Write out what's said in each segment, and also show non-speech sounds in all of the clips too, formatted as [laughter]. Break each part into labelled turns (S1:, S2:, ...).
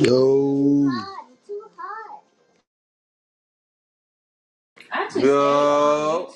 S1: Yo.
S2: I just Yo,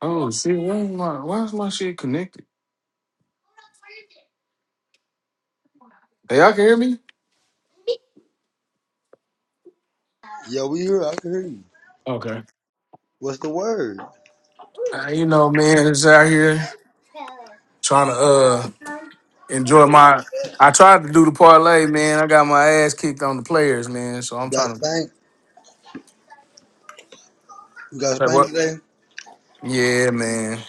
S3: Oh shit! Where's my why is my shit connected? Hey, y'all can hear me?
S1: Yo, we hear. I can hear you.
S3: Okay.
S1: What's the word?
S3: Uh, you know, man, just out here trying to uh enjoy my.
S1: You
S3: I tried to do the parlay, man. I got my ass kicked on the players, man. So I'm
S1: got
S3: trying to.
S1: spanked. You got
S3: Like
S1: spanked
S3: what?
S1: today.
S3: Yeah, man.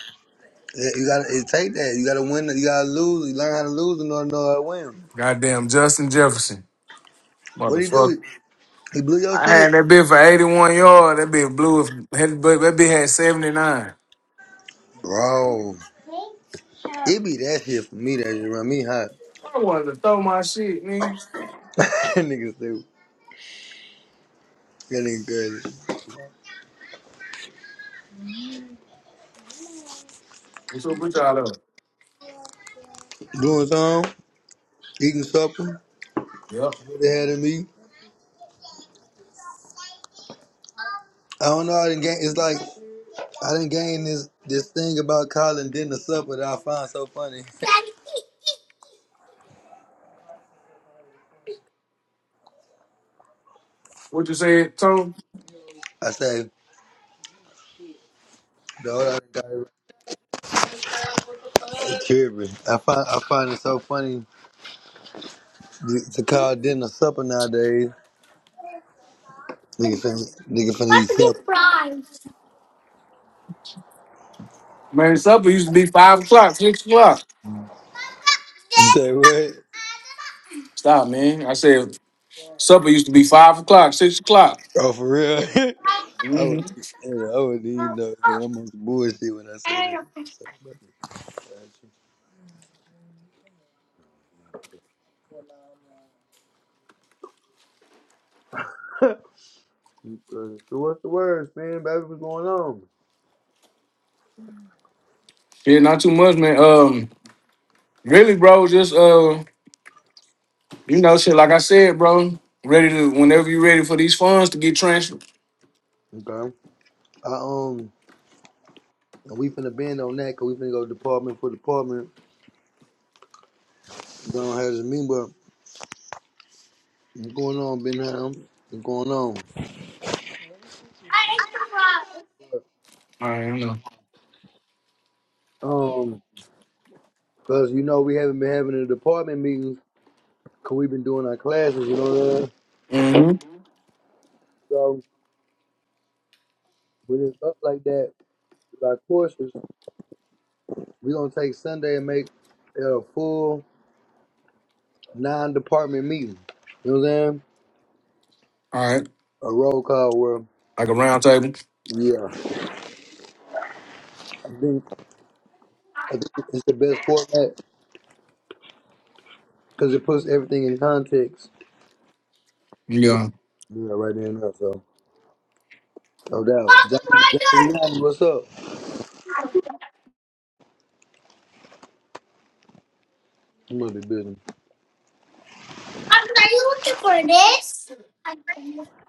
S1: Yeah, You got to take that. You got to win. You got to lose. You learn how to lose in order to know how to win.
S3: Goddamn, Justin Jefferson,
S1: What he
S3: motherfucker.
S1: do? He blew your
S3: I
S1: shit,
S3: had that bit for 81 yard. That bit blew. If, that bit that bit had 79.
S1: bro. It be that shit for me that just run me hot.
S3: I wanted to throw my shit, man.
S1: [laughs] that nigga stupid. That nigga crazy.
S3: What's up with y'all? Up?
S1: Doing something, eating supper.
S3: Yep.
S1: What they had in me. I don't know. I didn't get. It's like. I done gained this this thing about calling dinner supper that I find so funny.
S3: What you said, Tone?
S1: [laughs] I say, the older I got, it tripping. I find I find it so funny to to call dinner supper nowadays. Nigga finna, nigga finna eat supper.
S3: Man, supper used to be five o'clock, six o'clock.
S1: You say what?
S3: Stop, man. I said supper used to be five o'clock, six o'clock.
S1: Oh, for real? [laughs] I
S3: hmm
S1: would, yeah, I would eat no man. I'm on some bullshit when I say that. So, baby, got you. [laughs] So what's the words, man? Baby, what's going on?
S3: Yeah, not too much, man. Um, really, bro, just uh, you know, shit. Like I said, bro, ready to whenever you're ready for these funds to get transferred.
S1: Okay. I um, we finna bend on that, cause we finna go department for department Don't have to mean, but what's going on, Ben Ham? What's going on?
S3: All right, I know.
S1: Um, cause you know we haven't been having the department meetings, cause we've been doing our classes. You know what I mean?
S3: Mm-hmm.
S1: So when it's up like that with our courses, we're gonna take Sunday and make it a full non-department meeting. You know what I'm saying?
S3: All right,
S1: A roll call where,
S3: like a round table.
S1: yeah, I think I think it's the best format because it puts everything in context.
S3: Yeah.
S1: Yeah, right there and there. So no doubt. John, John, what's up? You must be busy.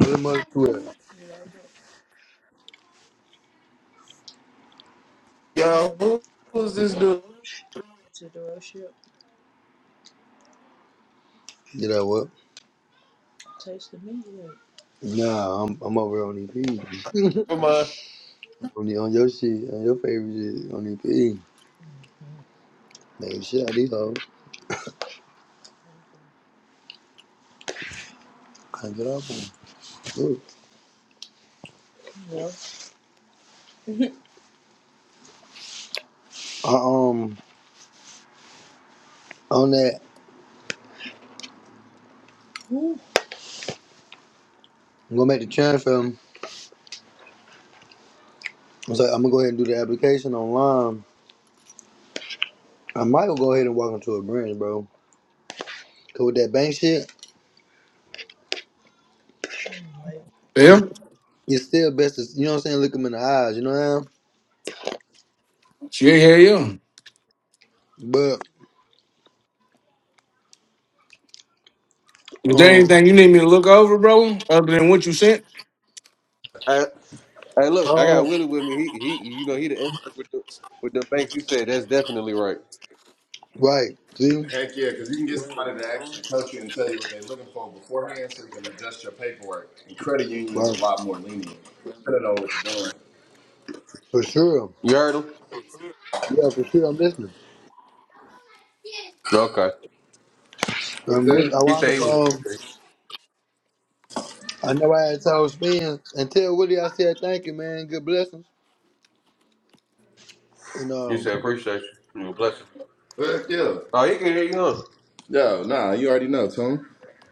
S1: Where my crew at?
S2: Yo, who was this dude?
S1: Get what? Nah, I'm I'm over on EP. [laughs]
S2: My
S1: on the on your shit, on your favorite shit, on EP. Man, shit I these hoes. Can't get off them. Look. Uh, um on that, I'm gonna make the transfer. I'm like, I'm gonna go ahead and do the application online. I might go ahead and walk into a branch, bro. Cause with that bank shit,
S3: Yeah. Yeah.
S1: it's still best to you know what I'm saying, look them in the eyes, you know what I'm saying?
S3: Yeah. Yeah.
S1: But
S3: Is there
S1: um
S3: anything you need me to look over, bro? Other than what you sent?
S2: I, I look. I got
S1: um
S2: Willie with me. He, he, you know, he the expert with the with the banks. He said that's definitely right.
S1: right, see?
S2: Work
S1: Right.
S2: lot more lenient. I don't know what you're doing.
S1: For sure.
S2: You heard him?
S1: Yeah, for sure I'm listening.
S2: Okay.
S1: I'm listening. I
S2: He
S1: wound
S2: said he
S1: up.
S2: was.
S1: um. I know I had told Spin and tell Willie I said thank you, man. Good blessings. And
S2: You
S1: um,
S2: said appreciate you. You bless you. Oh, he can hear you. Huh?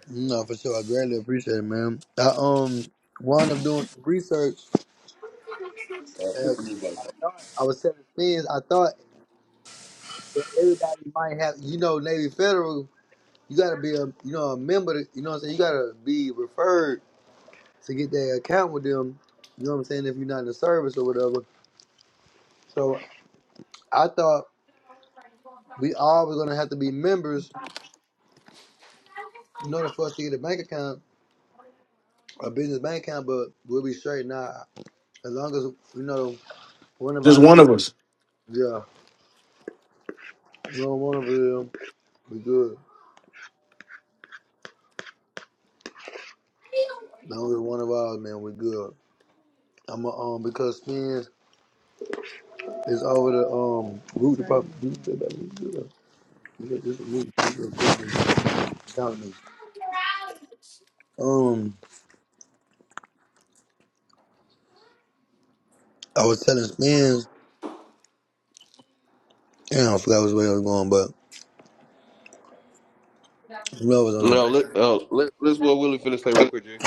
S1: no, for sure, I greatly appreciate it, man. I um wound up doing some research. And I thought I was telling Spins. I thought that everybody might have, you know, Navy Federal. You gotta be a, you know, a member. To, you know what I'm saying? You gotta be referred to get that account with them. You know what I'm saying? If you're not in the service or whatever. So I thought we all were gonna have to be members in order for us to get a bank account. a business bank account, but we'll be straight now. As long as you know one of our
S3: Just one
S1: men,
S3: of us.
S1: yeah, you know one of them, we good. As long as one of ours, man, we good. I'm a, um because spins is over the um root department. me, um, I was telling spins. Damn, I forgot which way I was going, but you know I was on it.
S2: No, let, uh, let, let's what Willie finna say real quick, G.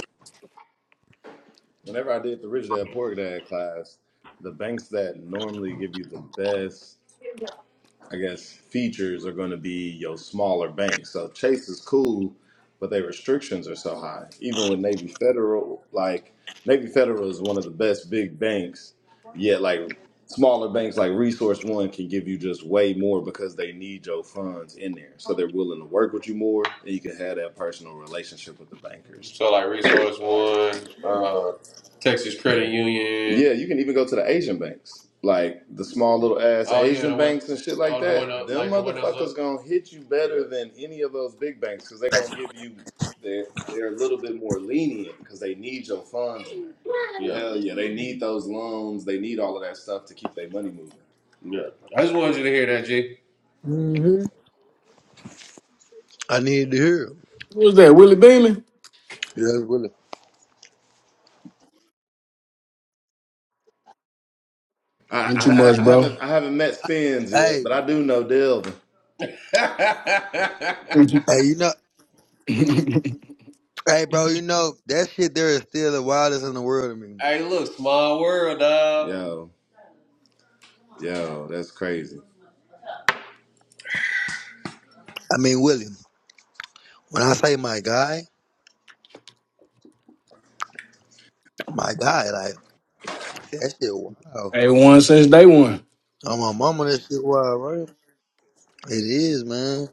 S2: So like Resource One, uh, Texas Credit Union. Yeah, I just wanted you to hear
S1: hmm I needed to hear. it.
S3: Who's that? Willie Beeman?
S1: Yeah, that's really.
S3: Ain't too much, bro.
S1: Hey,
S2: that, G. [laughs]
S1: hey, you know,
S3: [laughs]
S1: hey, bro, you know that shit there is still the wildest in the world to me.
S2: Hey, look, small world, dog.
S1: I mean, William, when I say my guy, my guy, like, that shit wild.
S3: They won since day one.
S1: On my mama, that shit wild, right? It is, man.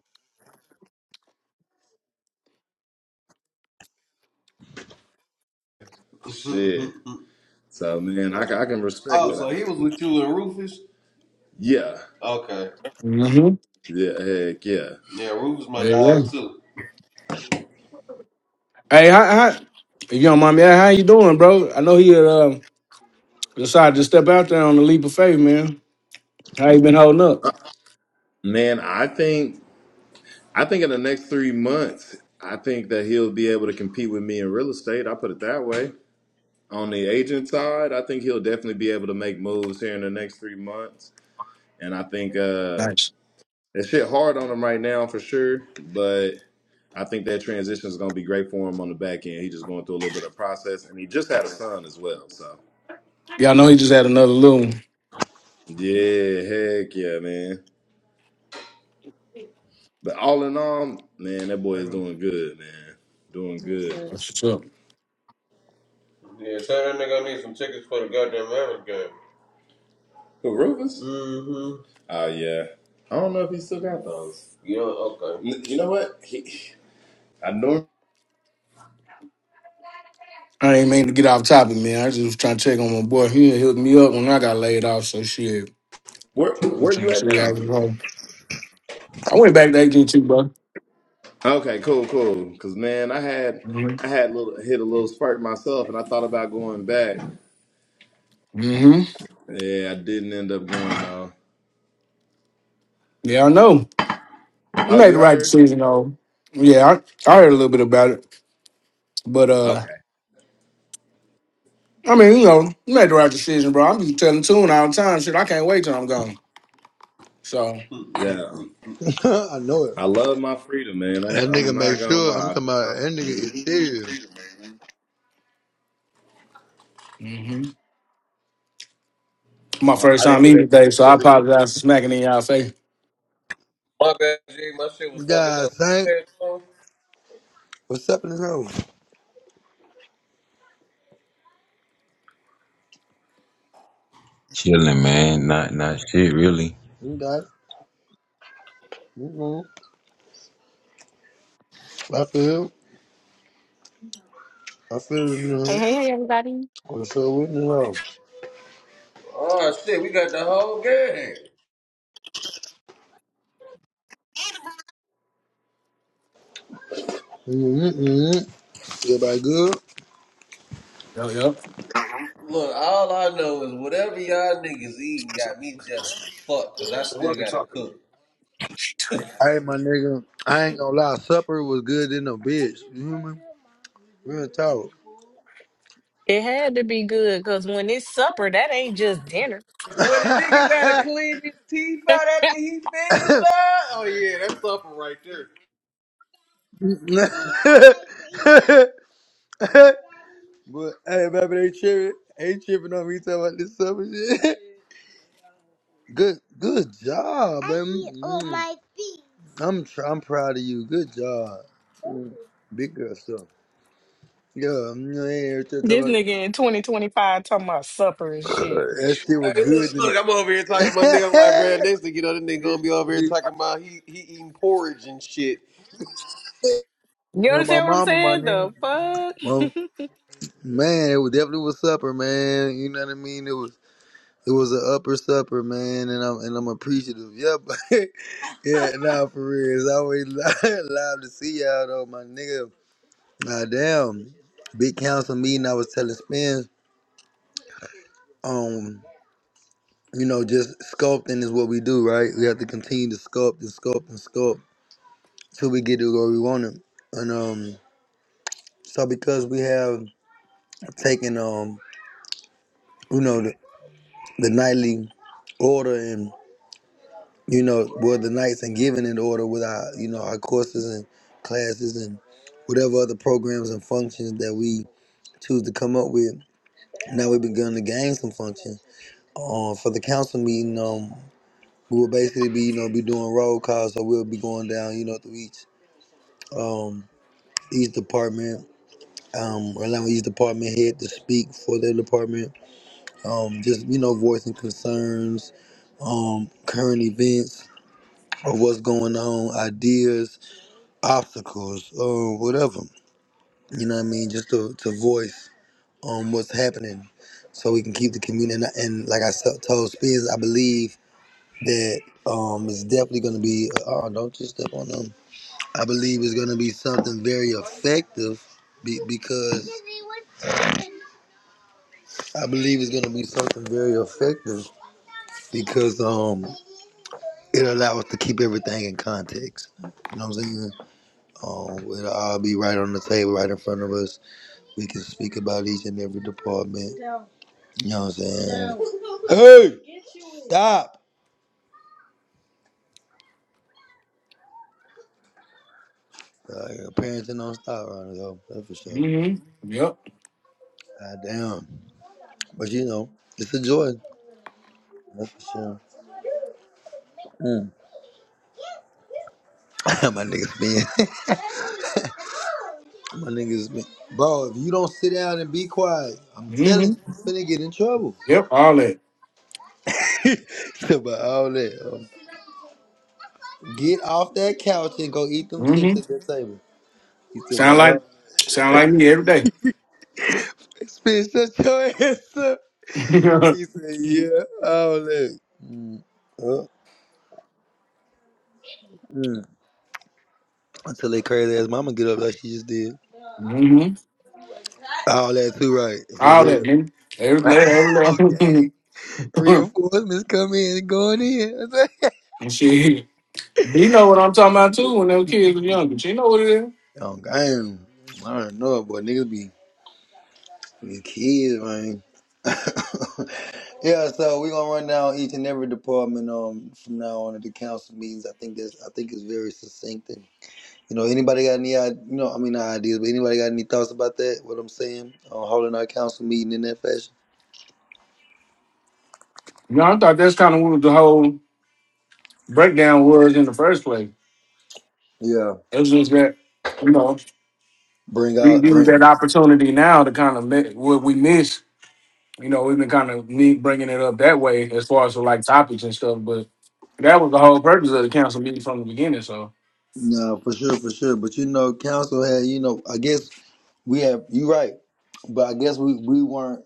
S1: Yeah,
S2: he was with you and Rufus. Okay.
S3: Mm-hmm.
S2: Yeah, Rufus my
S3: Hey, yeah.
S2: dog too.
S3: Hey, how, how, if you don't mind me, asking, how you doing, bro? I know he uh, decided to step out there on the leap of faith, man. How you been holding up? Nice. Yeah, I know he just had another little one.
S1: baby.
S3: That's what's up.
S2: Yeah, tell that nigga I need some tickets for the goddamn Mavericks game. Mm-hmm. Yeah, okay.
S3: I ain't mean to get off topic, man. I just was trying to check on my boy. He had hooked me up when I got laid off, so shit. I'm trying to see how it go. I went back to AT&T, bro. Mm-hmm. Yeah, I know. You made the right decision, though. Yeah, I, I heard a little bit about it, but uh. I mean, you know, you made the right decision, bro. I'm just telling Tune all the time, shit. I can't wait till I'm gone. So,
S1: [laughs] I know it. That nigga make sure, I'm talking about, that nigga is serious.
S3: hmm my first time eating today, so I apologize for smacking in y'all face.
S2: My bad, G. My shit was
S1: You
S2: fucking
S1: guys
S2: up.
S1: think?
S2: Hey,
S1: What's up in the house?
S4: Chilling, man. Not not shit, really.
S1: You got it. Mm-mm. I feel, it. I feel it,
S5: Hey,
S1: man.
S5: hey, everybody.
S1: What's up with the house?
S2: Oh shit, we got the whole game.
S1: Mm-mm-mm. Everybody good?
S3: Yep, yep.
S2: Look, all I know is whatever y'all niggas eating got me jealous as fuck, cause I still gotta cook.
S1: Hey, my nigga, I ain't gonna lie, supper was good in the bitch. You hear me? Real
S5: It had to be good because when it's supper, that ain't just dinner.
S2: What a nigga gotta
S1: talk.
S2: clean his teeth out after he
S1: [laughs]
S2: finished, dog? Oh yeah, that's something right there.
S1: [laughs] but hey, baby, they tripping. They tripping on me talking about this stuff and shit. [laughs] Good, good job, baby. Mm. I'm tr- I'm proud of you. Good job. Mm. Big girl stuff. Yeah, I'm not here to talk
S5: This
S1: about [coughs]
S5: nigga in 2025 talking about supper and shit.
S1: that shit was
S2: Hey,
S1: good
S2: look,
S1: in
S2: look, I'm over here talking to my nigga. I'm like, bro,
S1: the
S2: next thing you know, this
S1: [laughs]
S2: nigga gonna
S1: you
S2: be over here talking about he he eating porridge and shit.
S5: You
S1: know, my
S5: understand what I'm
S1: mama, my
S5: saying?
S1: nigga.
S5: The fuck?
S1: Well, man, it was definitely was supper, man. You know what I mean? It was It was an upper supper, man, and I'm and I'm appreciative. Yep. [laughs] yeah, nah, for real. It's always [laughs] loud to see y'all though, my nigga. Ah, damn. Big council meeting. I was telling Spence, um, you know, just sculpting is what we do, right? We have to continue to sculpt and sculpt and sculpt till we get to where we want it. And um, so because we have taken um, you know, the, the nightly order and. you know, well, the nights and giving in order with our, you know, our courses and classes and whatever other programs and functions that we choose to come up with. Now we've begun to gain some functions. Uh, for the council meeting, um, we will basically be, you know, be doing roll calls, so we'll be going down, you know, through each, um, each department, um, allowing each department head to speak for their department, um, just, you know, voicing concerns, um, current events of what's going on, ideas, obstacles or whatever. You know what I mean? Just to, to voice um what's happening, so we can keep the community. And, and like I s- told Spears, I believe that um it's definitely going to be. Oh, don't just step on them. I believe it's going to be something very effective, be, because I believe it's going to be something very effective because um it'll allow us to keep everything in context. You know what I'm saying? Um, it'll all be right on the table, right in front of us We can speak about each and every department. You know what I'm saying? Hey, stop! Uh, your parents ain't don't stop around here, though. That's for sure.
S3: Mm-hmm. Yep.
S1: God damn. But you know, it's a joy. That's for sure. Mm. [laughs] My niggas been. [laughs] My niggas been. Bro, if you don't sit down and be quiet, I'm telling
S3: Mm-hmm.
S1: you, you're gonna get in trouble.
S3: Yep. All that.
S1: [laughs] Talk "But all that. um, Get off that couch and go eat them chips
S3: Mm-hmm.
S1: at that table. You
S3: Sound
S1: said,
S3: like, sound like me every day.
S1: Bitch, shut your ass up.
S3: [laughs]
S1: He said,
S3: mm-hmm.
S1: yeah, all that. Mm, uh, mm. Until they crazy ass mama get up like she just did. All that too right, for
S3: All that,
S1: real.
S3: man.
S1: [laughs]
S3: Every day, every
S1: okay.
S3: day. [laughs]
S1: Reinforcements come in and going in. [laughs]
S3: and she, You know what I'm talking about too. When those kids were younger, she know what it is.
S1: oh, damn. I don't know, but niggas be, be kids, man. [laughs] yeah, so we gonna run down each and every department um from now on at the council meetings. I think that's I think it's very succinct You know, anybody got any, id- you know, I mean, not ideas, but anybody got any thoughts about that? What I'm saying on holding our council meeting in that fashion?
S3: You know, I thought that's kind of what the whole breakdown was in the first place.
S1: Yeah,
S3: It's just that you know
S1: bring
S3: we
S1: out,
S3: use
S1: bring.
S3: that opportunity now to kind of mi- what we miss. You know, we've been kind of me bringing it up that way as far as like topics and stuff, but that was the whole purpose of the council meeting from the beginning. So
S1: No, for sure, for sure. But you know, council had, you know, I guess we have. You right, but I guess we we weren't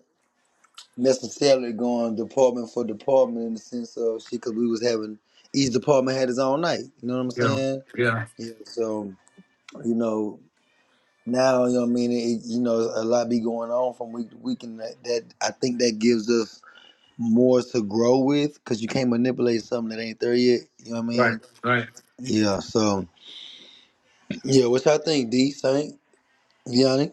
S1: necessarily going department for department in the sense of shit because we was having each department had its own night. You know what I'm
S3: yeah,
S1: saying?
S3: yeah,
S1: Yeah. So you know, now you know what I mean. It, you know, a lot be going on from week to week, and that, that I think that gives us more to grow with because you can't manipulate something that ain't there yet. You know what I
S3: right,
S1: mean?
S3: right.
S1: Yeah. So yeah, what y'all think, D Saint Yanni?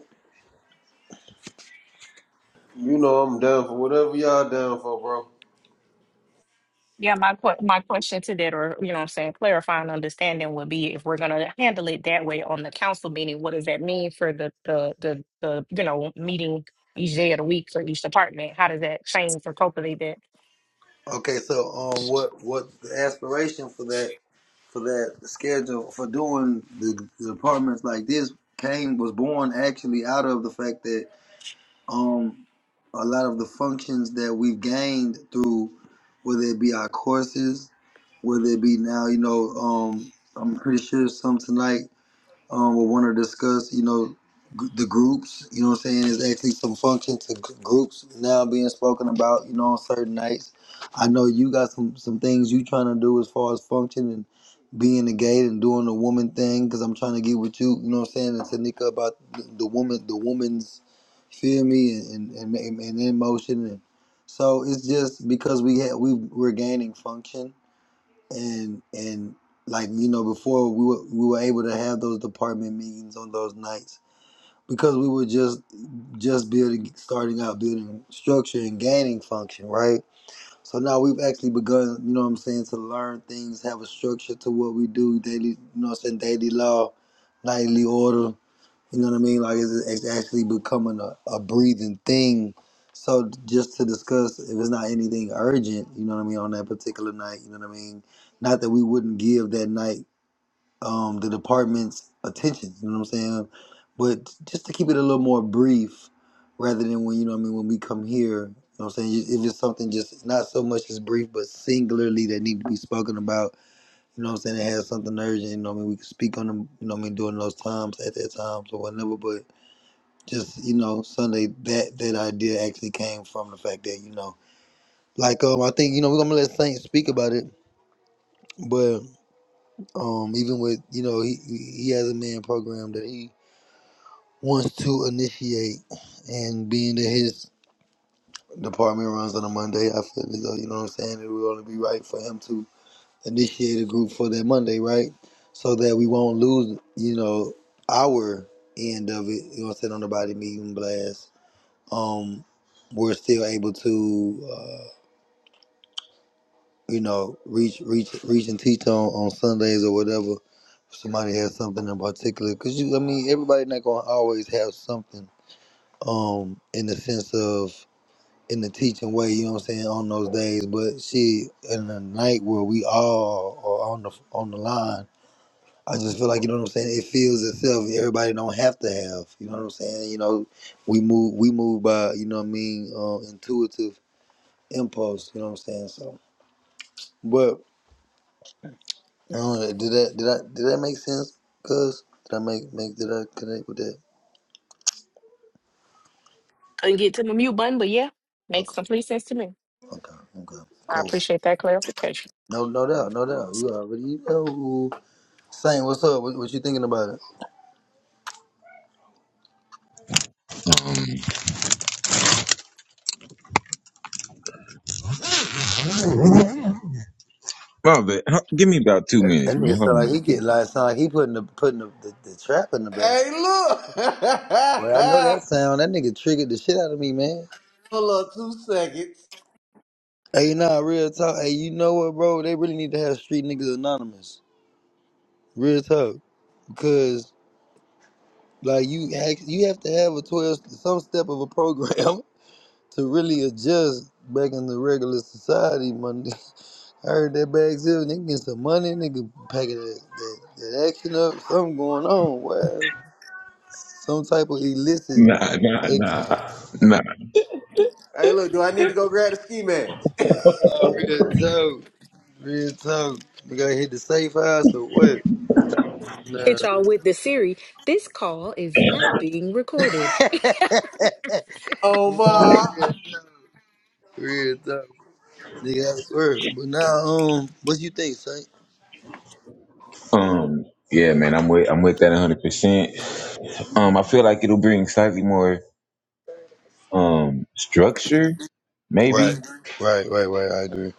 S2: You know, I'm down for whatever y'all down for, bro.
S5: [laughs] yeah, my que- my question to that, or, you know what I'm saying, clarifying understanding would be if we're going to handle it that way on the council meeting, what does that mean for the, the, the, the you know, meeting each day of the week for each department? How does that change or populate that?
S1: Okay, so um, what what the aspiration for that for that schedule for doing the, the apartments like this came was born actually out of the fact that um a lot of the functions that we've gained through whether it be our courses, whether it be now you know um I'm pretty sure some tonight um, will want to discuss, you know, g- the groups, you know what I'm saying? There's actually some function to g- groups now being spoken about, you know, on certain nights. I know you got some, some things you trying to do as far as function and being the gate and doing the woman thing because I'm trying to get with you, you know what I'm saying, and Tanika about the, the woman, the woman's, feel me, and, and, and, and in motion. And so it's just because we had, we, we're gaining function and and like you know before we were we were able to have those department meetings on those nights because we were just just building starting out building structure and gaining function right so now we've actually begun you know what i'm saying to learn things have a structure to what we do daily you know what i'm saying daily law nightly order you know what I mean? Like it's, it's actually becoming a, a breathing thing. So just to discuss, if it's not anything urgent, you know what I mean, on that particular night, you know what I mean. Not that we wouldn't give that night um, the department's attention, you know what I'm saying, but just to keep it a little more brief, rather than when you know what I mean when we come here, you know what I'm saying. If it's something just not so much as brief, but singularly that need to be spoken about, you know what I'm saying. It has something urgent, you know what I mean. We can speak on them, you know what I mean, during those times at that times or whatever, but just you know Sunday that that idea actually came from the fact that you know like um I think you know we're gonna let Saint speak about it, but um even with you know he he he has a man program that he wants to initiate, and being that his department runs on a Monday, I feel as though you know what I'm saying it would only be right for him to initiate a group for that Monday, right? So that we won't lose you know our end of it. You know what I'm saying on the body meeting blast um, we're still able to, uh, you know, reach reach reach and teach on, on Sundays or whatever. If somebody has something in particular, cause you, I mean, everybody not gonna always have something, um, in the sense of in the teaching way. You know what I'm saying on those days, but she in the night where we all are on the on the line. I just feel like you know what I'm saying. It feels itself. Everybody don't have to have. You know what I'm saying. You know, we move we move by you know what I mean uh, intuitive impulse. You know what I'm saying? So, but I don't know, did that did I did that make sense? Cause did I make make did I connect with that?
S5: Couldn't get to the mute button, but yeah, makes
S1: Okay,
S5: complete sense to me.
S1: okay, okay,
S5: I
S1: cool.
S5: appreciate that clarification.
S1: No, no doubt, no doubt. You already know. Saint, what's up? What, what you thinking about it?
S4: Um, well, but, huh, give me about two
S1: That
S4: minutes, man.
S1: nigga
S4: Hold
S1: sound
S4: on
S1: like
S4: real
S1: he
S4: quick.
S1: get like sound like he putting the putting the, the, the trap in the bag.
S2: Hey, look,
S1: Well, I know
S2: [laughs]
S1: that sound. That nigga triggered the shit out of me, man.
S2: hold up, two seconds.
S1: Hey, nah, real talk. Hey, you know what, bro? They really need to have street niggas anonymous. Real talk, because Like you, act- you have to have a twelve, some step of a program [laughs] to really adjust back in the regular society. Money, [laughs] I heard that back zero, nigga get some money, nigga packing that, that, that action up. Something going on, wow. Some type of illicit.
S4: Nah, nah,
S1: Ex-
S4: nah, nah.
S1: nah, real
S4: [laughs]
S1: talk, real talk. Nigga I hit the safe house or what? Nah,
S5: Hit y'all with the Siri. This call is now being recorded.
S1: [laughs]
S2: Oh
S1: nah,
S2: my.
S1: real talk, real talk. Nigga, I swear. But now, um, what you think, son?
S4: Um, yeah, man. I'm with I'm with that 100. percent Um, I feel like it'll bring slightly more um structure,
S1: Right,
S4: maybe.
S1: right, right, right. I agree.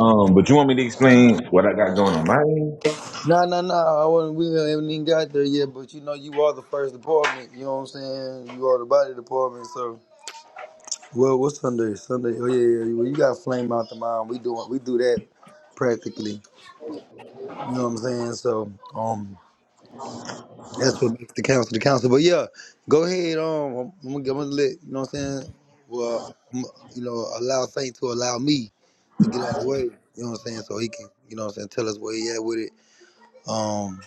S4: Um, but you want me to explain what I got going on my end?
S1: No, no, no. I wasn't. We haven't even got there yet. But you know, you are the first department. You know what I'm saying? You are the body department. So, well, what's Sunday? Sunday. Oh yeah, yeah. yeah, Well, you got flame out the mind. We doing. We do that practically. You know what I'm saying? So, um, that's what makes the council the council. But yeah, go ahead. Um, I'm, gonna, I'm gonna let you know what I'm saying. Well, I'm, you know, allow Saint to allow me to get out of the way. You know what I'm saying? So he can, you know what I'm saying, tell us where he at with it. Um.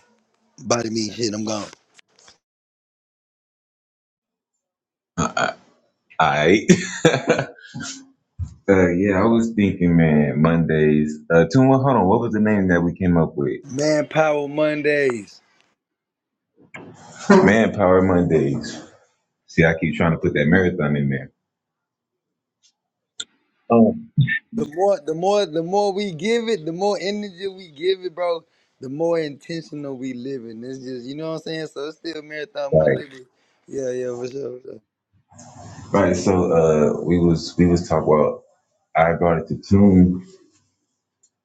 S1: Body me shit, I'm gone.
S4: Alright. [laughs] Uh, yeah, I was thinking, man. Mondays. Uh, tune. Hold on. What was the name that we came up with?
S1: Manpower Mondays.
S4: [laughs] Manpower Mondays. See, I keep trying to put that marathon in there. Oh,
S1: The more the more the more we give it, the more energy we give it, bro, the more intentional we live it. It's just you know what I'm saying? So it's still Marathon
S4: Right.
S1: Monday. But yeah, yeah, for sure, for sure.
S4: Right. So uh, we was we was talking about I brought it to tune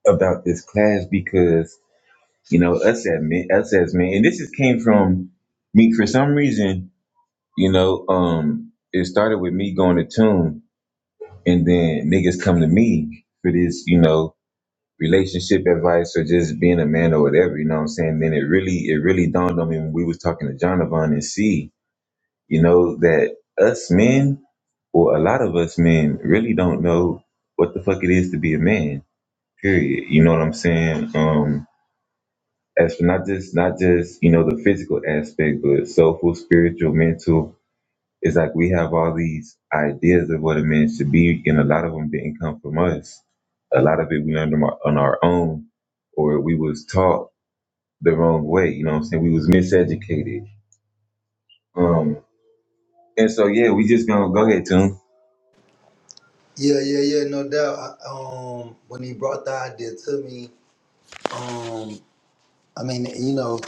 S4: about this class because you know us as men, us as men, and this is came from me for some reason. You know, um, it started with me going to tune, and then niggas come to me for this, you know, relationship advice or just being a man or whatever. You know what I'm saying? Then it really it really dawned on me when we was talking to Jonathan and C. You know that us men Well, a lot of us men really don't know what the fuck it is to be a man. Period. You know what I'm saying? Um, as for not just not just you know the physical aspect, but soulful, spiritual, mental. It's like we have all these ideas of what a man should be, and a lot of them didn't come from us. A lot of it we learned on our on our own, or we was taught the wrong way. You know what I'm saying? We was miseducated. Um, and so yeah, we just gonna go ahead, Tim.
S1: Yeah, yeah, yeah, no doubt. I, um when he brought the idea to me, um, I mean, you know,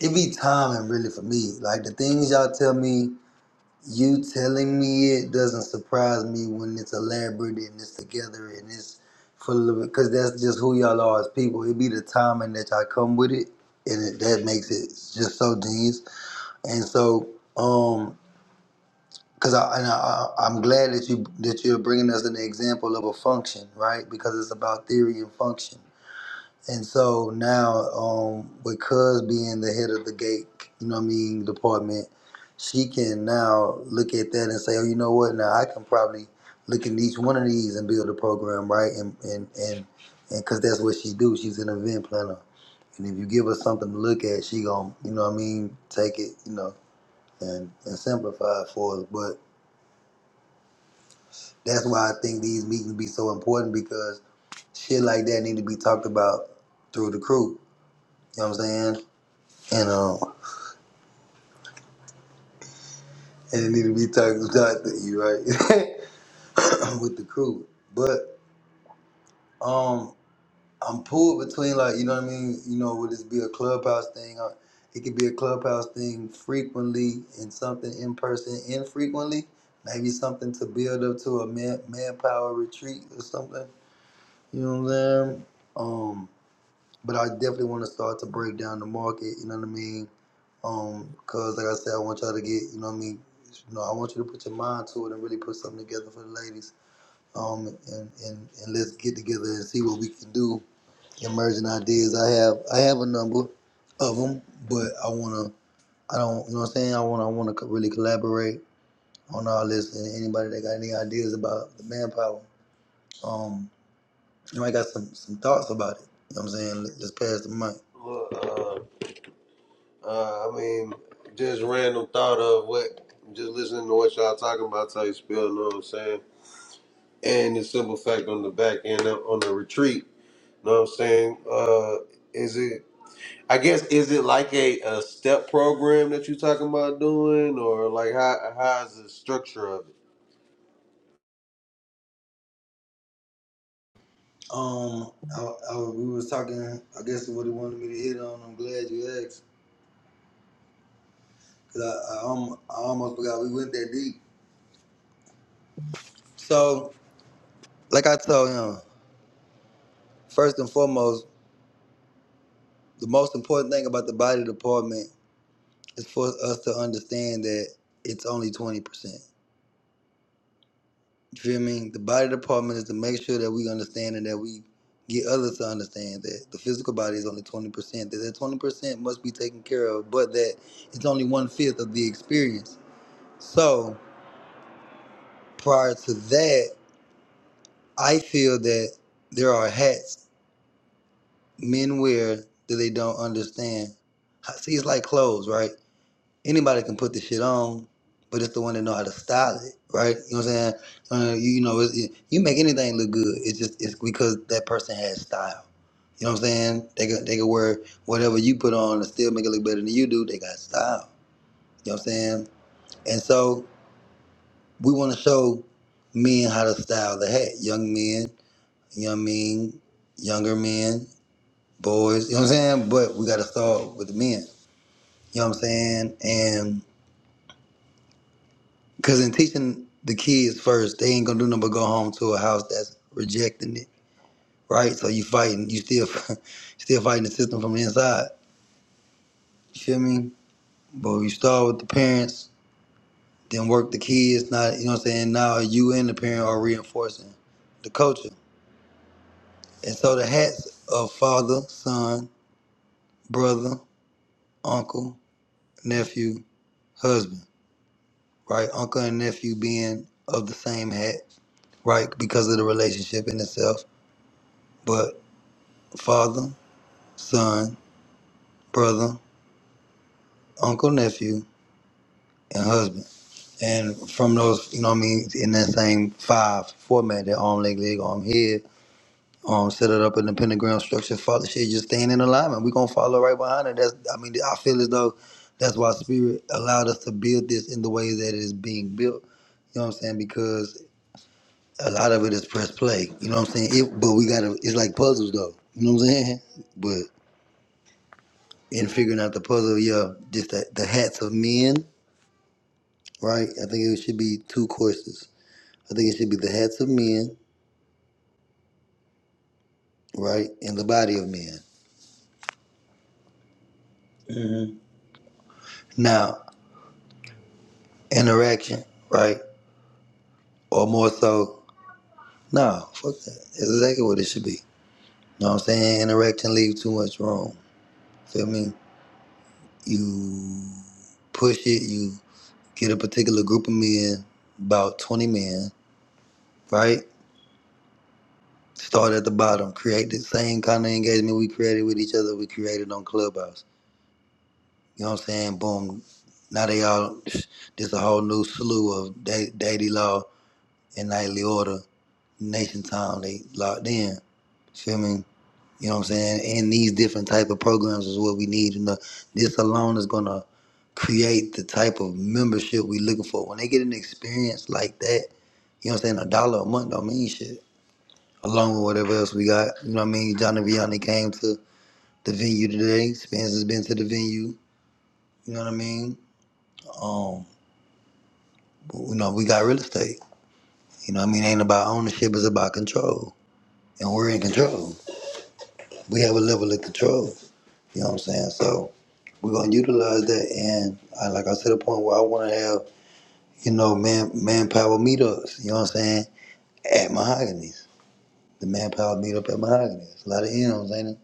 S1: it be timing really for me. Like the things y'all tell me You telling me it doesn't surprise me when it's elaborate and it's together and it's full of it, because that's just who y'all are as people. It be the timing that y'all come with it, and it, that makes it just so genius. And so, um, because I, and I, I- I'm glad that you that you're bringing us an example of a function, right? Because it's about theory and function. And so now, um, because being the head of the gate, you know what I mean, department, she can now look at that and say, oh, you know what? Now I can probably look at each one of these and build a program, right? And and and and because that's what she do. She's an event planner. And if you give her something to look at, she gon' you know what I mean, take it, you know, and and simplify it for us. But that's why I think these meetings be so important because shit like that need to be talked about through the crew. You know what I'm saying? And um. and it need to be talking talk to you, right? [coughs] [laughs] with the crew. But um I'm pulled between like, you know what I mean, you know, would this be a clubhouse thing? Uh, It could be a clubhouse thing frequently and something in person infrequently. Maybe something to build up to a man manpower retreat or something. You know what I'm saying? Um, but I definitely want to start to break down the market. You know what I mean? Um, cause like I said, I want y'all to get. You know what I mean? You know, I want you to put your mind to it and really put something together for the ladies. Um, and and and let's get together and see what we can do. Emerging ideas. I have I have a number of them, but I wanna. I don't. You know what I'm saying? I wanna. I wanna really collaborate on all this. And anybody that got any ideas about the manpower, um, you might got some some thoughts about it. You know what I'm saying? Let- Let's pass the mic.
S2: Uh, uh, I mean, just random thought of what. Just listening to what y'all talking about, how you spell. Know what I'm saying? And the simple fact on the back end uh, on the retreat. Know what I'm saying? Uh, is it? I guess is it like a, a step program that you're talking about doing, or like how how's the structure of it?
S1: Um, I, I, we was talking. I guess what he wanted me to hit on. I'm glad you asked, cause I, I, alm- I almost forgot we went that deep. So, like I told him, first and foremost, the most important thing about the body department is for us to understand that it's only twenty percent. You feel me? The body department is to make sure that we understand and that we get others to understand that the physical body is only twenty percent. That that twenty percent must be taken care of, but that it's only one fifth of the experience. So. prior to that, I feel that there are hats men wear that they don't understand. See, it's like clothes, right? Anybody can put the shit on, but it's the one that know how to style it, right? You know what I'm saying? Uh, you, you know, it, it- you make anything look good. It's just it's because that person has style. You know what I'm saying? They could they could wear whatever you put on and still make it look better than you do. They got style. You know what I'm saying? And so we want to show men how to style the hat, young men You know what I mean? Younger men, boys, you know what I'm saying? But we got to start with the men. You know what I'm saying? And because in teaching the kids first, they ain't going to do nothing but go home to a house that's rejecting it, right? So you fighting, you still [laughs] still fighting the system from the inside. You feel me? But you start with the parents, then work the kids. Not, you know what I'm saying? Now you and the parent are reinforcing the culture. And so the hats of father, son, brother, uncle, nephew, husband. right? Uncle and nephew being of the same hat, right? Because of the relationship in itself. But father, son, brother, uncle, nephew, and husband. And from those, you know what I mean, in that same five format, that arm, leg, leg, arm, head, um, set it up in the pentagram structure, father shit, just staying in alignment. We're gonna follow right behind it. That's I mean, I feel as though that's why spirit allowed us to build this in the way that it is being built. You know what I'm saying? Because. a lot of it is press play. You know what I'm saying? It, but we gotta. It's like puzzles, though. You know what I'm saying? But in figuring out the puzzle, yeah, just that the hats of men, right? I think it should be two courses. I think it should be the hats of men, right, and the body of men. hmm Now interaction, right, or more so, no, fuck that. That's exactly what it should be. You know what I'm saying? Interaction leaves too much room. Feel me? You push it. you. Get a particular group of men, about 20 men, right? Start at the bottom. Create the same kind of engagement we created with each other, we created on Clubhouse. You know what I'm saying? Boom. Now they all, there's a whole new slew of da- daily law and nightly order, nation time. They locked in. Feel me? You know what I'm saying? And these different type of programs is what we need. And the, this alone is going to create the type of membership we looking for. When they get an experience like that, You know what I'm saying? A dollar a month don't mean shit. Along with whatever else we got. You know what I mean? Johnny Vianney came to the venue today. Spence has been to the venue. You know what I mean? Um, you know, we got real estate. You know what I mean? It ain't about ownership, it's about control. And we're in control. We have a level of control. You know what I'm saying? So we're gonna utilize that and I, like I said, a point where I wanna have, you know, man manpower meetups, you know what I'm saying? At Mahogany's. The manpower meetup at Mahogany's. A lot of M's, ain't it?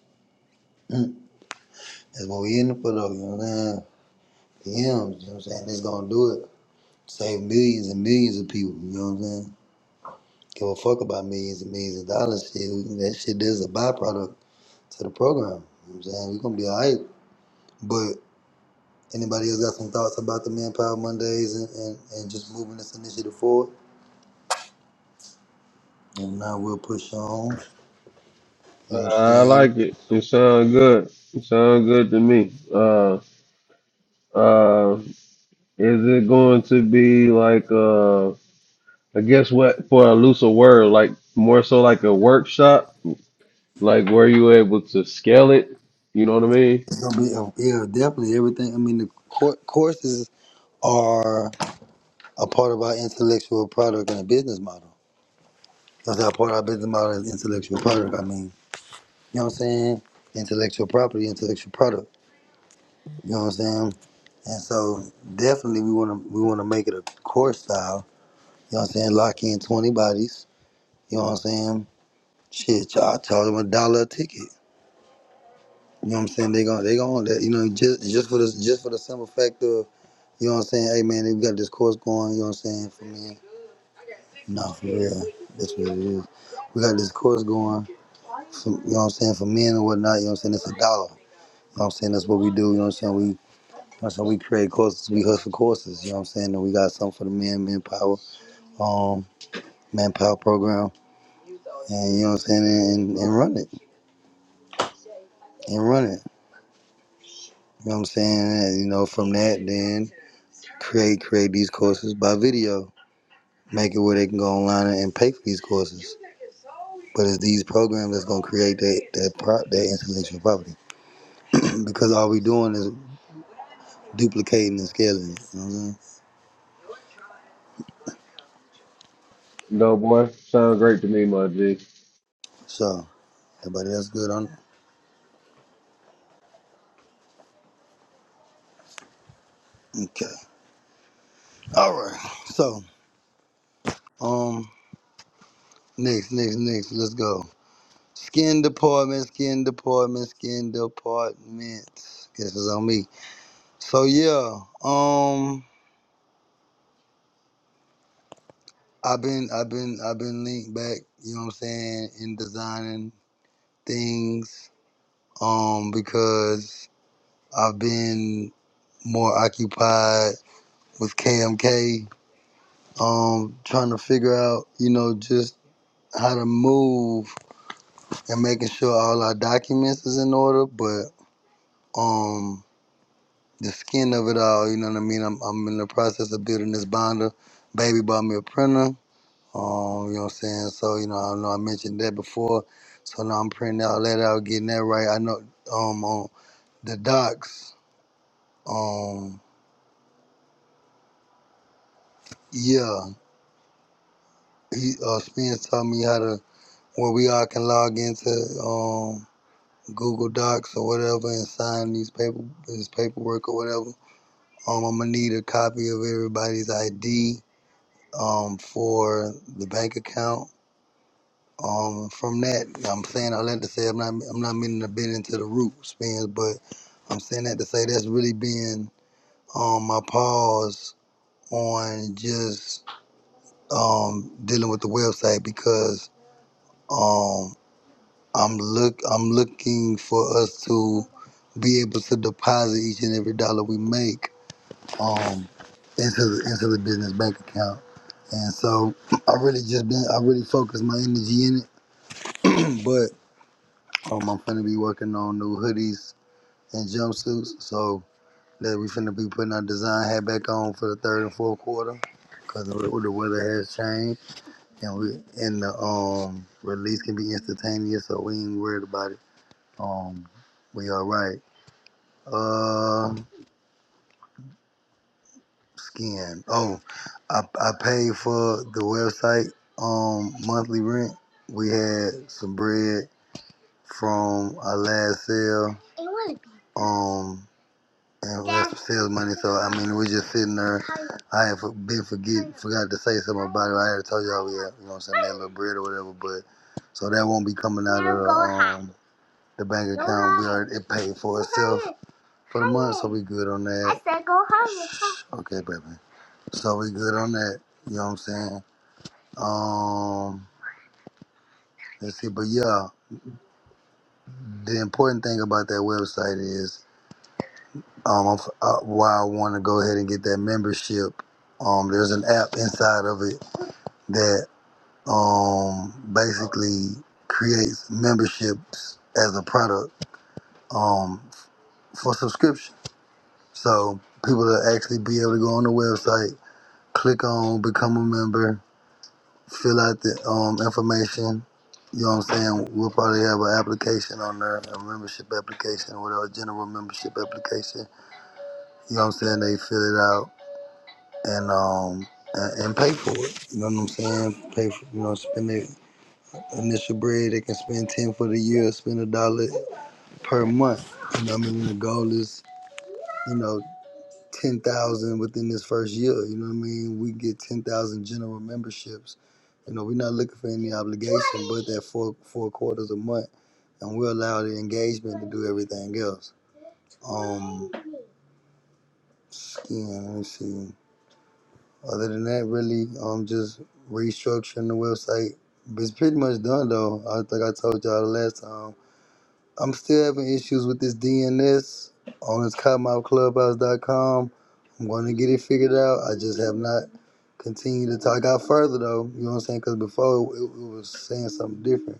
S1: Mm. That's what we in it for though, you know what I'm saying? For him, you know what I'm saying? That's gonna do it. Save millions and millions of people, you know what I'm saying? Give a fuck about millions and millions of dollars shit. That shit is a byproduct to the program. You know what I'm saying? we gonna be alright. But anybody else got some thoughts about the Manpower Mondays and, and, and just moving this initiative forward? If not, we'll push on. You know what I'm
S2: Uh, I
S1: saying?
S2: like it. It sounds good. It sounds good to me. Uh, uh, is it going to be like uh, I guess what for a looser word, like more so like a workshop, like where you able to scale it? You know what I mean?
S1: It's gonna be a, yeah, definitely everything. I mean, the cour courses are a part of our intellectual product and a business model. That's how part of our business model is intellectual product. I mean, you know what I'm saying? Intellectual property, intellectual product. You know what I'm saying? And so definitely we wanna we wanna make it a course style. You know what I'm saying? Lock in twenty bodies. You know what I'm saying? Shit, y'all charge them a dollar a ticket. You know what I'm saying? They gon' they gon' that you know, just just for the just for the simple fact of, you know what I'm saying, hey man, we got this course going, you know what I'm saying, for men. No, for real. That's what it is. We got this course going, for, you know what I'm saying, for men and whatnot, you know what I'm saying? It's a dollar. You know what I'm saying? That's what we do, you know what I'm saying? We that's how we create courses, we hustle courses, you know what I'm saying? And we got something for the man, manpower, um, manpower program. And you know what I'm saying, and, and run it. And run it. You know what I'm saying? And you know, from that then create create these courses by video. Make it where they can go online and and pay for these courses. But it's these programs that's gonna create that that pro, that intellectual property. [clears throat] because all we doing is duplicating and scaling it. You know what I'm saying? So everybody that's good on it? Okay. All right. So. Um, next, next, next. Let's go. Skin department, skin department, skin department. Guess it's on me. So yeah, um, I've been, I've been, I've been linked back. You know what I'm saying in designing things. Um, because I've been more occupied with KMK. Um, trying to figure out, you know, just how to move and making sure all our documents is in order, but um the skin of it all. You know what I mean? I'm, I'm in the process of building this binder. Baby bought me a printer. Um, you know what I'm saying? So, you know, I know I mentioned that before. So now I'm printing all that out, getting that right. I know um on the docs, um, yeah. He uh Spence taught me how to where we all can log into um Google Docs or whatever and sign these paper this paperwork or whatever. Um I'm gonna need a copy of everybody's ID um for the bank account Um, from that, I'm saying all that to say I'm not I'm not meaning to bend into the root spins, but I'm saying that to say that's really been um my pause on just um dealing with the website because um I'm look I'm looking for us to be able to deposit each and every dollar we make um into the into the business bank account. And so [clears throat] I really just been I really focused my energy in it, [clears throat] but Um, I'm finna be working on new hoodies and jumpsuits, so that we finna be putting our design hat back on for the third and fourth quarter, cause the weather has changed, and we and the um release can be instantaneous, so we ain't worried about it. Um, we all right. Uh, skin. Oh, I I paid for the website um monthly rent. We had some bread from our last sale. Um. And we have lots of sales money, so I mean, we just sitting there. I have been forget forgot to say something about it. I had told y'all we had, you know, what I'm saying that little bread or whatever, but so that won't be coming out of the, um, the bank account. We already it paid for itself for the month, so we good on that. I said go home. Okay, baby. So we good on that. You know what I'm saying? Um, let's see. But yeah, the important thing about that website is Um, I'm, uh, why I want to go ahead and get that membership. Um, there's an app inside of it that um basically creates memberships as a product um for subscription. So people will actually be able to go on the website, click on become a member, fill out the um, information. You know what I'm saying? We'll probably have an application on there, a membership application or whatever, general membership application. You know what I'm saying? They fill it out and um and, and pay for it. You know what I'm saying? Pay for you know spend their initial bread. They can spend ten for the year. Spend a dollar per month. You know what I mean? The goal is you know ten thousand within this first year. You know what I mean? We get ten thousand general memberships. You know we're not looking for any obligation, but that four four quarters a month, and we allow the engagement to do everything else. Um, skin. Let me see. Other than that, really, um, just restructuring the website. It's pretty much done though. I think I told y'all the last time. I'm still having issues with this DNS on this cottonmouthclubhouse.com. I'm going to get it figured out. I just have not continued to talk out further though. You know what I'm saying? Because before it, it was saying something different,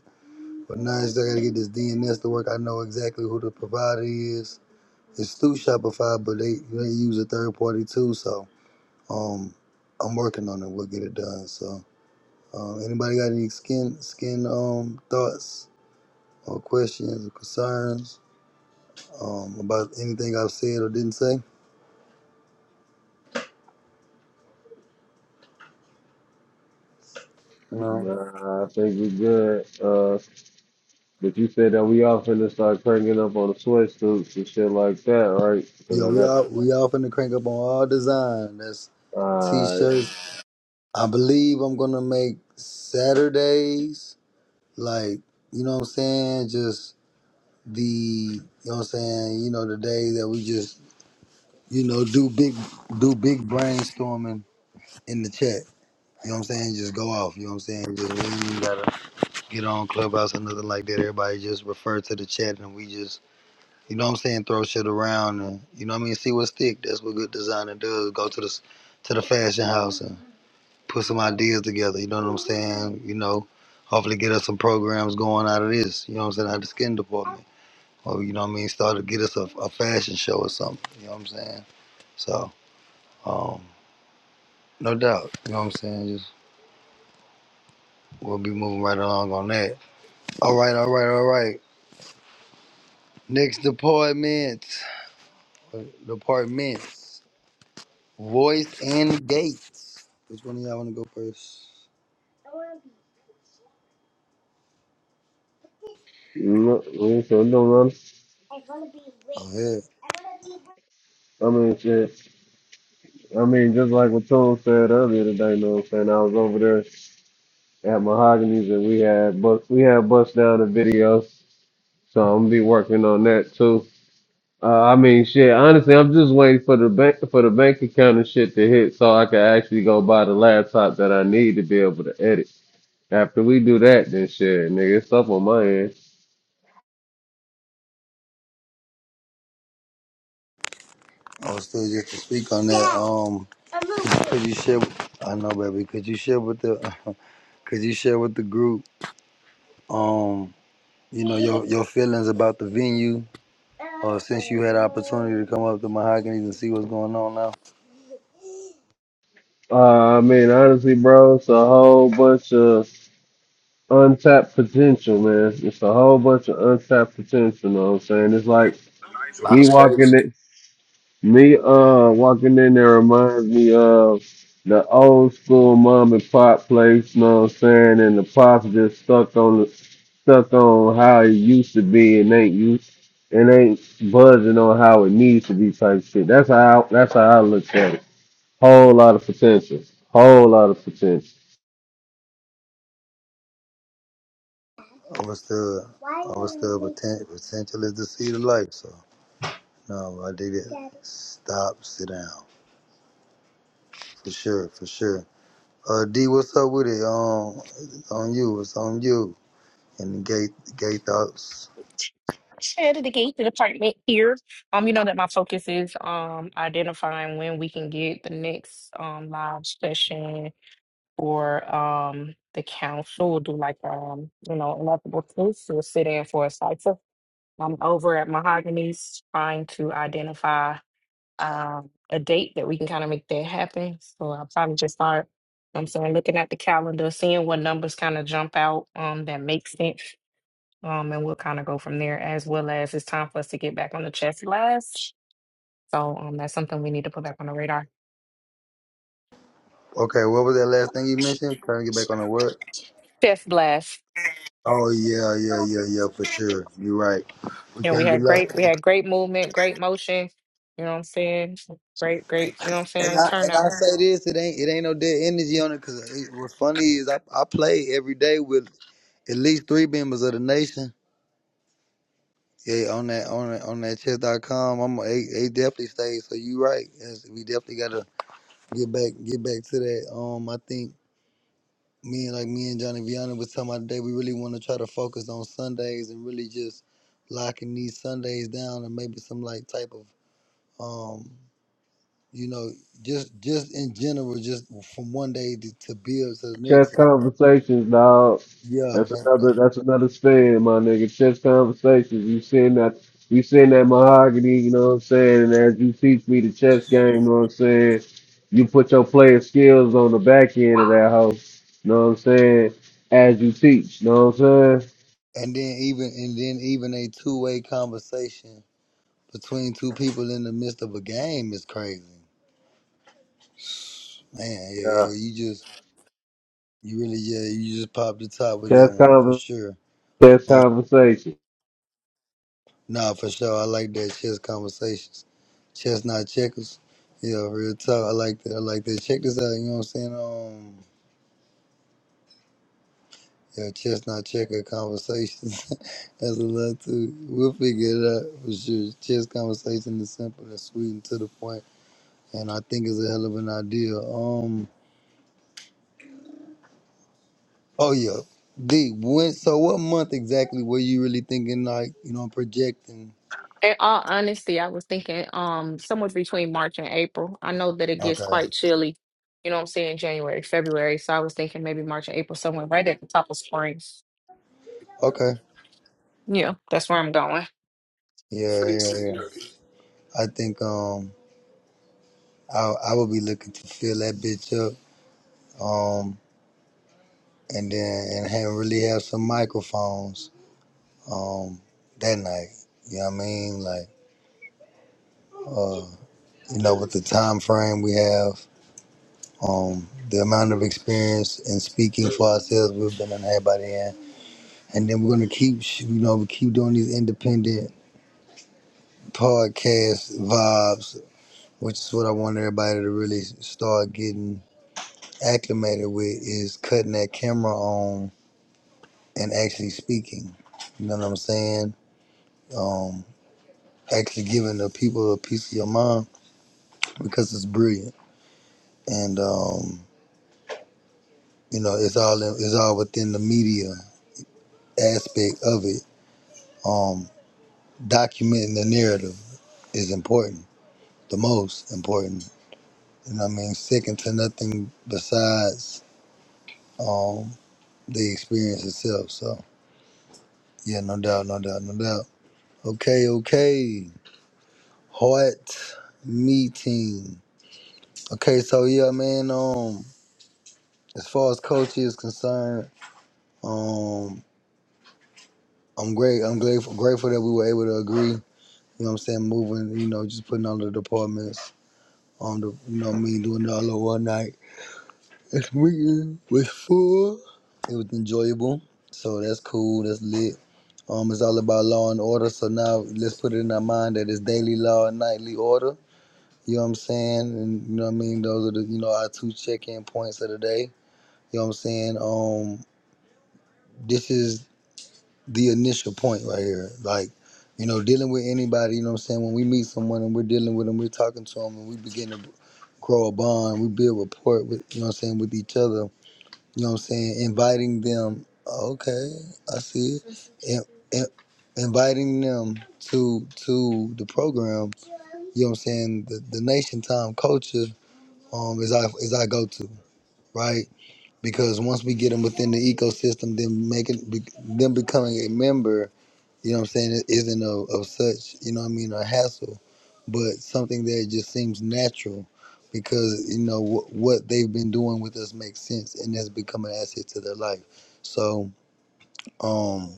S1: but now I just got to get this DNS to work. I know exactly who the provider is. It's through Shopify, but they they use a third party too, so. Um, I'm working on it. We'll get it done. So, uh, anybody got any skin skin um thoughts or questions or concerns um about anything I've said or didn't say? No.
S2: Nah, I think we're good. Uh, But you said that we all finna start cranking up on the sweatsuits and shit like that, right? Because
S1: Yeah,
S2: I
S1: we
S2: got,
S1: all we all finna crank up on all design. That's
S2: alright,
S1: t-shirts. I believe I'm gonna make Saturdays like you know what I'm saying. Just the you know what I'm saying. You know the day that we just you know do big do big brainstorming in the chat. You know what I'm saying? Just go off. You know what I'm saying? Just, we ain't even gotta get on Clubhouse or nothing like that. Everybody just refer to the chat and we just, you know what I'm saying? Throw shit around and, you know what I mean? See what stick. That's what good designer does. Go to the, s- to the fashion house and put some ideas together. You know what I'm saying? You know, hopefully get us some programs going out of this. You know what I'm saying? Out of the skin department. Or, you know what I mean? Start to get us a, a fashion show or something. You know what I'm saying? So, um, no doubt. You know what I'm saying? Just, we'll be moving right along on that. All right, all right, all right. Next department, departments, voice and gates. Which one of y'all want to go first?
S2: no, so no, run.
S1: Oh yeah,
S2: I mean, shit. I mean, just like what Tone said earlier today, know what I'm saying? I was over there at Mahogany's and we had bust, we had bust down the videos, so I'm gonna be working on that too. Uh, I mean, shit. Honestly, I'm just waiting for the bank for the bank account and shit to hit, so I can actually go buy the laptop that I need to be able to edit. After we do that, then shit, nigga, it's up on my end.
S1: I was still just to speak on that. Um, could you share? I know, baby. Could you share with the? [laughs] Could you share with the group? Um, you know your your feelings about the venue, or since you had the opportunity to come up to Mahogany's and see what's going on now.
S2: Uh, I mean, honestly, bro, it's a whole bunch of untapped potential, man. It's a whole bunch of untapped potential. Know what I'm saying? It's like
S3: A lot of
S2: me walking
S3: space.
S2: it, me uh walking in there reminds me of the old school mom and pop place. You know what I'm saying? And the pops just stuck on the stuck on how it used to be and ain't used and ain't buzzing on how it needs to be type shit. That's how that's how I look at it. Whole lot of potential. Whole lot of potential.
S1: I was still, I was still poten- potential is the seed of life. So no, I did it. Stop, sit down, for sure, for sure. Uh, D, what's up with it? Um, it's on you, it's on you. And the gay, gay thoughts.
S5: Head of the Gate Department here. Um, you know that my focus is um identifying when we can get the next um live session for um the council do like um you know multiple cases or sit in for a cipher. I'm over at Mahogany's trying to identify um, a date that we can kind of make that happen. So I'll probably just start, I'm saying, looking at the calendar, seeing what numbers kind of jump out um, that make sense. Um, and we'll kind of go from there, as well as it's time for us to get back on the chess blast. So um, that's something we need to put back on the radar.
S1: Okay, what was that last thing you mentioned? Trying to get back on the word.
S5: Chess blast.
S1: Oh yeah, yeah, yeah, yeah, for sure. You're right. We
S5: You know, we
S1: can't get
S5: had great, we
S1: lost.
S5: had great movement, great motion. You know what I'm saying? Great, great. You know what I'm
S1: And
S5: saying?
S1: I and I
S5: Turnout.
S1: say this, it ain't it ain't no dead energy on it. Cause it, what's funny is I I play every day with at least three members of the nation. Yeah, on that on that, on that chess dot com, I'm they, they definitely stay. So you right. Yes, we definitely gotta get back get back to that. Um, I think me and like me and Johnny Viana was talking about today. We really want to try to focus on Sundays and really just locking these Sundays down and maybe some like type of um, you know, just just in general, just from one day to, to build to the
S2: Chess
S1: next.
S2: conversations, dog.
S1: Yeah,
S2: That's
S1: and
S2: another. That's another spin, my nigga. Chess conversations. You seen that? You seen that mahogany? You know what I'm saying? And as you teach me the chess game, you know what I'm saying? You put your player skills on the back end of that house. You know what I'm saying? As you teach, you know what I'm saying?
S1: and then even and then even a two way conversation between two people in the midst of a game is crazy. Man, yeah, yeah, you just, you really, yeah, you just popped the top with that
S2: Chess
S1: one for
S2: conver-
S1: sure.
S2: Chess
S1: Um,
S2: conversation.
S1: nah, for sure, I like that chess conversations, chess not checkers. Yeah, real talk, I like that. I like that. Check this out, you know what I'm saying? Um, yeah, chess not checker conversations. [laughs] That's a lot too. We'll figure it out for sure. Chess conversation is simple and sweet and to the point, and I think it's a hell of an idea. Um. Oh yeah. D, when so what month exactly were you really thinking like, you know, projecting?
S5: In all honesty, I was thinking um somewhere between March and April. I know that it gets
S1: Okay.
S5: quite chilly, you know what I'm saying, January, February. So I was thinking maybe March and April, somewhere right at the top of spring.
S1: Okay.
S5: Yeah, that's where I'm going.
S1: Yeah, yeah, yeah. I think um I I would be looking to fill that bitch up. Um and then and have really have some microphones um that night. You know what I mean? Like uh you know, with the time frame we have, um, the amount of experience in speaking for ourselves we've been on everybody in. And then we're gonna keep, sh- you know, we keep doing these independent podcast vibes, which is what I want everybody to really start getting acclimated with, is cutting that camera on and actually speaking. You know what I'm saying? Um, actually giving the people a piece of your mind because it's brilliant, and um, you know it's all in, it's all within the media aspect of it. Um, documenting the narrative is important, the most important. You know what I mean? Second to nothing besides. um. the experience itself. So yeah, no doubt, no doubt, no doubt. Okay, okay. Heart meeting. Okay, so yeah, man. Um, as far as coaching is concerned, um, I'm great. I'm grateful, grateful that we were able to agree. You know what I'm saying? Moving, you know, just putting all the departments on the, you know, what I mean doing it all in one night. This weekend was full. It was enjoyable. So that's cool. That's lit. Um, it's all about law and order. So now let's put it in our mind that it's daily law and nightly order. You know what I'm saying? And you know what I mean? Those are the you know our two check-in points of the day. You know what I'm saying? Um, this is the initial point right here. Like, you know, dealing with anybody. You know what I'm saying? When we meet someone and we're dealing with them, we're talking to them, and we begin to grow a bond. We build rapport with you know what I'm saying with each other you know what I'm saying? Inviting them. "Oh, Okay, I see it. In- in- inviting them to to the program. You know what I'm saying? The, the nation time culture um is I is I go to right because once we get them within the ecosystem, then making be, them becoming a member, you know what I'm saying, it isn't of, of such, you know what I mean, a hassle, but something that just seems natural because, you know, wh- what they've been doing with us makes sense and has become an asset to their life. So um,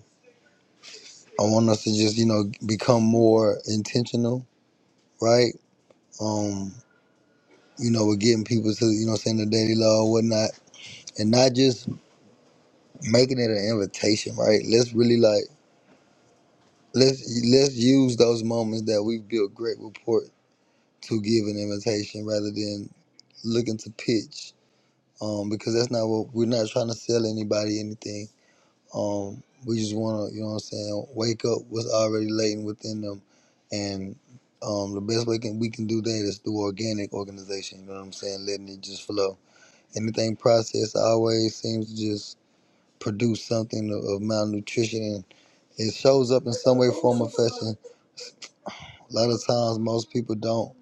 S1: I want us to just, you know, become more intentional, right? Um, you know, with getting people to, you know, what I'm saying the daily law and whatnot, and not just making it an invitation, right? Let's really like Let's let's use those moments that we've built great rapport to give an invitation rather than looking to pitch. Um, because that's not what we're not trying to sell anybody anything. Um, we just want to, you know what I'm saying, wake up what's already latent within them. And um, the best way can, we can do that is through organic organization, you know what I'm saying, letting it just flow. Anything processed always seems to just produce something of, of malnutrition and it shows up in some way, form, or fashion A lot of times, most people don't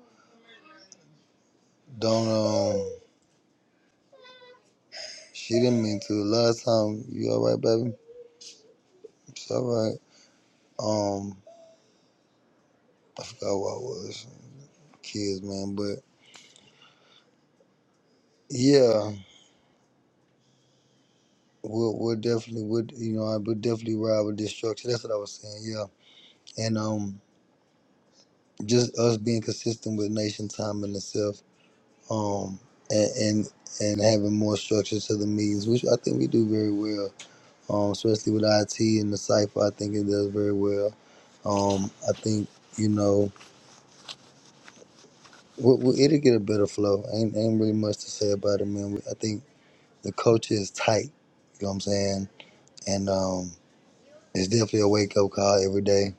S1: don't um. She didn't mean to. A lot of time, you all right, baby? It's all right. Um, I forgot what it was. Kids, man, but yeah, we'll we'll definitely would you know I would definitely ride with this structure. That's what I was saying. Yeah, and um, just us being consistent with Nation Time and itself. Um, and and and having more structure to the meetings, which I think we do very well. Um, especially with IT and the cipher, I think it does very well Um, I think you know we, we, it'll get a better flow. Ain't ain't really much to say about it, man. I think the culture is tight. You know what I'm saying? And um, it's definitely a wake up call every day.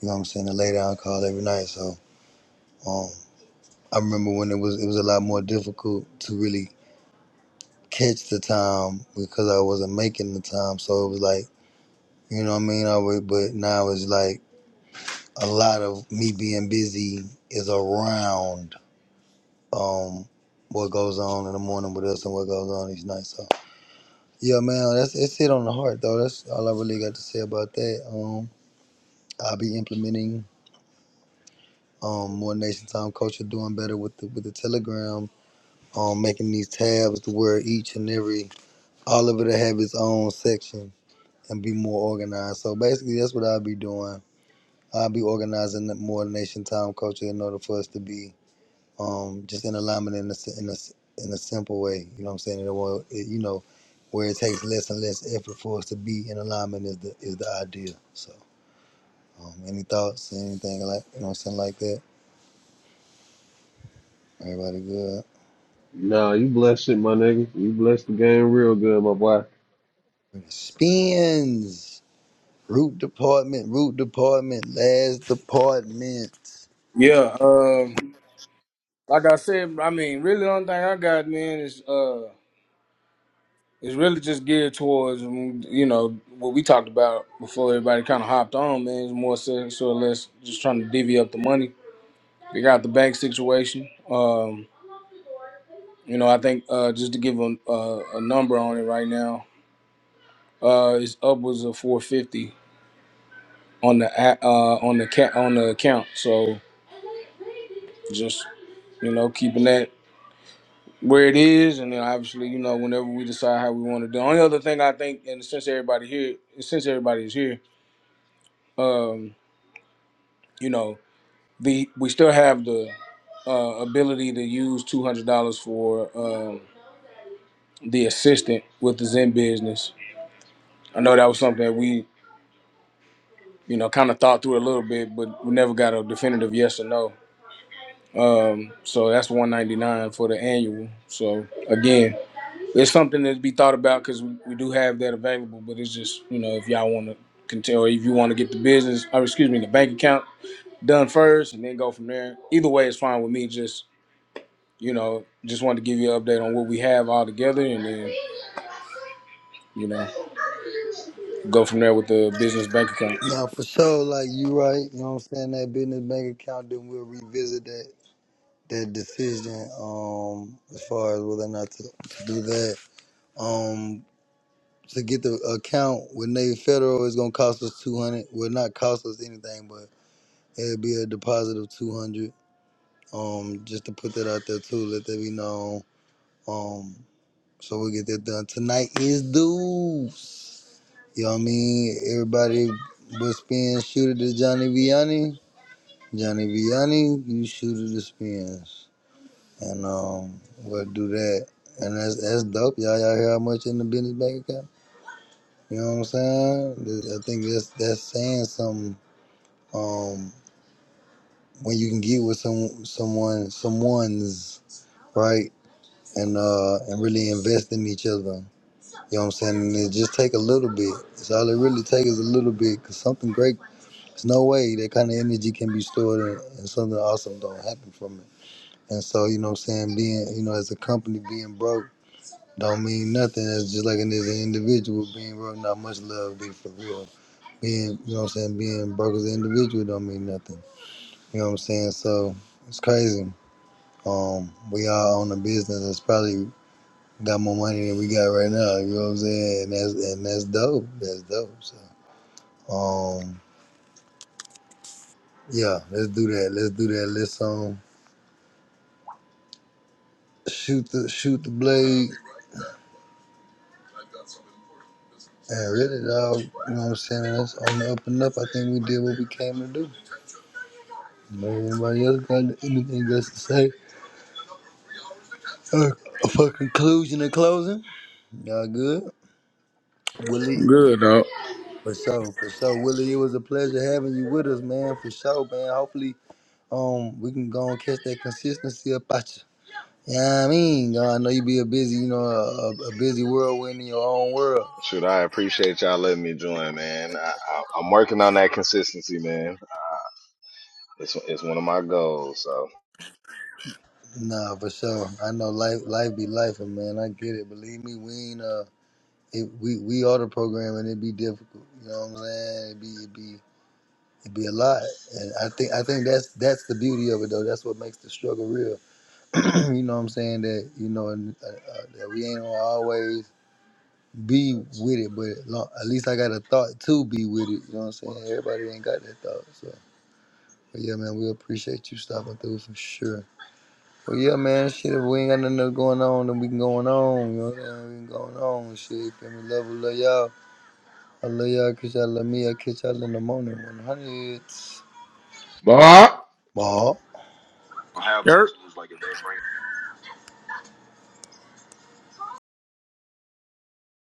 S1: You know what I'm saying? A lay down call every night. So um, I remember when it was it was a lot more difficult to really catch the time because I wasn't making the time. So it was like you know what I mean. I would, but now it's like a lot of me being busy is around. um what goes on in the morning with us and what goes on each night. So yeah, man, that's it's hit on the heart though. That's all I really got to say about that. Um, I'll be implementing um more nation time culture, doing better with the with the telegram, um making these tabs to where each and every all of it will have its own section and be more organized. So basically, that's what I'll be doing. I'll be organizing the more nation time culture in order for us to be um, just in alignment in a in a s- in a simple way. You know what I'm saying? In a way, it, you know, where it takes less and less effort for us to be in alignment is the is the idea. So, um, any thoughts, anything like you know, something like that? Everybody good?
S2: Nah, you blessed it, my nigga. You blessed the game real good, my boy.
S1: Spins. Root department, root department, last department.
S3: Yeah, um, like I said, I mean, really, the only thing I got, man, is uh, is really just geared towards, mm, you know, what we talked about before everybody kind of hopped on, man. It's more so so or less just trying to divvy up the money figure out the bank situation. Um, you know, I think uh, just to give a, a, a number on it right now, uh, it's upwards of 450 on the a- uh, on the ca- on the account. So just you know, keeping that where it is, and then obviously, you know, whenever we decide how we want to do. The only other thing I think, and since everybody here, since everybody is here, um, you know, the we still have the uh, ability to use two hundred dollars for um, the assistant with the Zen business I know that was something that we, you know, kind of thought through a little bit, but we never got a definitive yes or no. Um, so that's 199 for the annual. So again, it's something to be thought about because we, we do have that available. But it's just, you know, if y'all want to continue, or if you want to get the business, or excuse me, the bank account done first, and then go from there. Either way, it's fine with me. Just, you know, just wanted to give you an update on what we have all together, and then, you know, go from there with the business bank account.
S1: Now for sure, like you right, you know what I'm saying, that business bank account, then we'll revisit that that decision um as far as whether or not to, to do that. Um, to get the account with Navy Federal is gonna cost us two hundred. Will not cost us anything, but it'll be a deposit of two hundred. Um, just to put that out there too, let that be known. Um, so we get that done tonight is dues. You know what I mean? Everybody but spin shooter to Johnny Vianney. Johnny Vianney, you shooter to spins, and um, we'll do that. And that's that's dope. Y'all y'all hear how much in the business bank account? You know what I'm saying? Th- I think that's that's saying something. Um, when you can get with some someone, someone's right, and uh, and really invest in each other. You know what I'm saying? And it just take a little bit. It's all it really takes is a little bit, cause something great. There's no way that kind of energy can be stored, and, and something awesome don't happen from it. And so, you know what I'm saying? Being, you know, as a company being broke don't mean nothing. It's just like an, as an individual being broke. Not much love, be for real. Being, you know what I'm saying, being broke as an individual don't mean nothing. You know what I'm saying? So it's crazy. Um, we all own a business that's probably got more money than we got right now. You know what I'm saying? And that's and that's dope. That's dope. So um, yeah, let's do that. Let's do that. Let's um shoot the shoot the blade. And really, dog, you know what I'm saying? That's on the up and up. I think we did what we came to do. Nobody else got anything else to say? Uh, for conclusion and closing, y'all good? Willie,
S3: Good, dog.
S1: for sure, for sure. Willie, it was a pleasure having you with us, man, for sure, man. Hopefully, um, we can go and catch that consistency up at you. Yeah, I mean, Uh, I know you be a busy, you know, a, a busy whirlwind in your own world.
S6: Shoot, I appreciate y'all letting me join, man. I, I, I'm working on that consistency, man. It's it's one of my goals. So.
S1: Nah, for sure. I know life, life be life, man. I get it. Believe me, we ain't uh, it, we we are the program, and it be difficult. You know what I'm saying? It be it be it be a lot, and I think I think that's that's the beauty of it, though. That's what makes the struggle real. [clears throat] you know what I'm saying? That, you know, uh, uh, that we ain't gonna always be with it, but at lo- at least I got a thought to be with it. You know what I'm saying? Everybody ain't got that thought. So, but yeah, man, we appreciate you stopping through for sure. But yeah, man, shit, if we ain't got nothing else going on, then we can going on. You know what I'm saying? We can going on. Shit, you feel me? Love, we love y'all. I love y'all because y'all love me. I catch y'all in the morning. 100. Ball.
S3: Yep.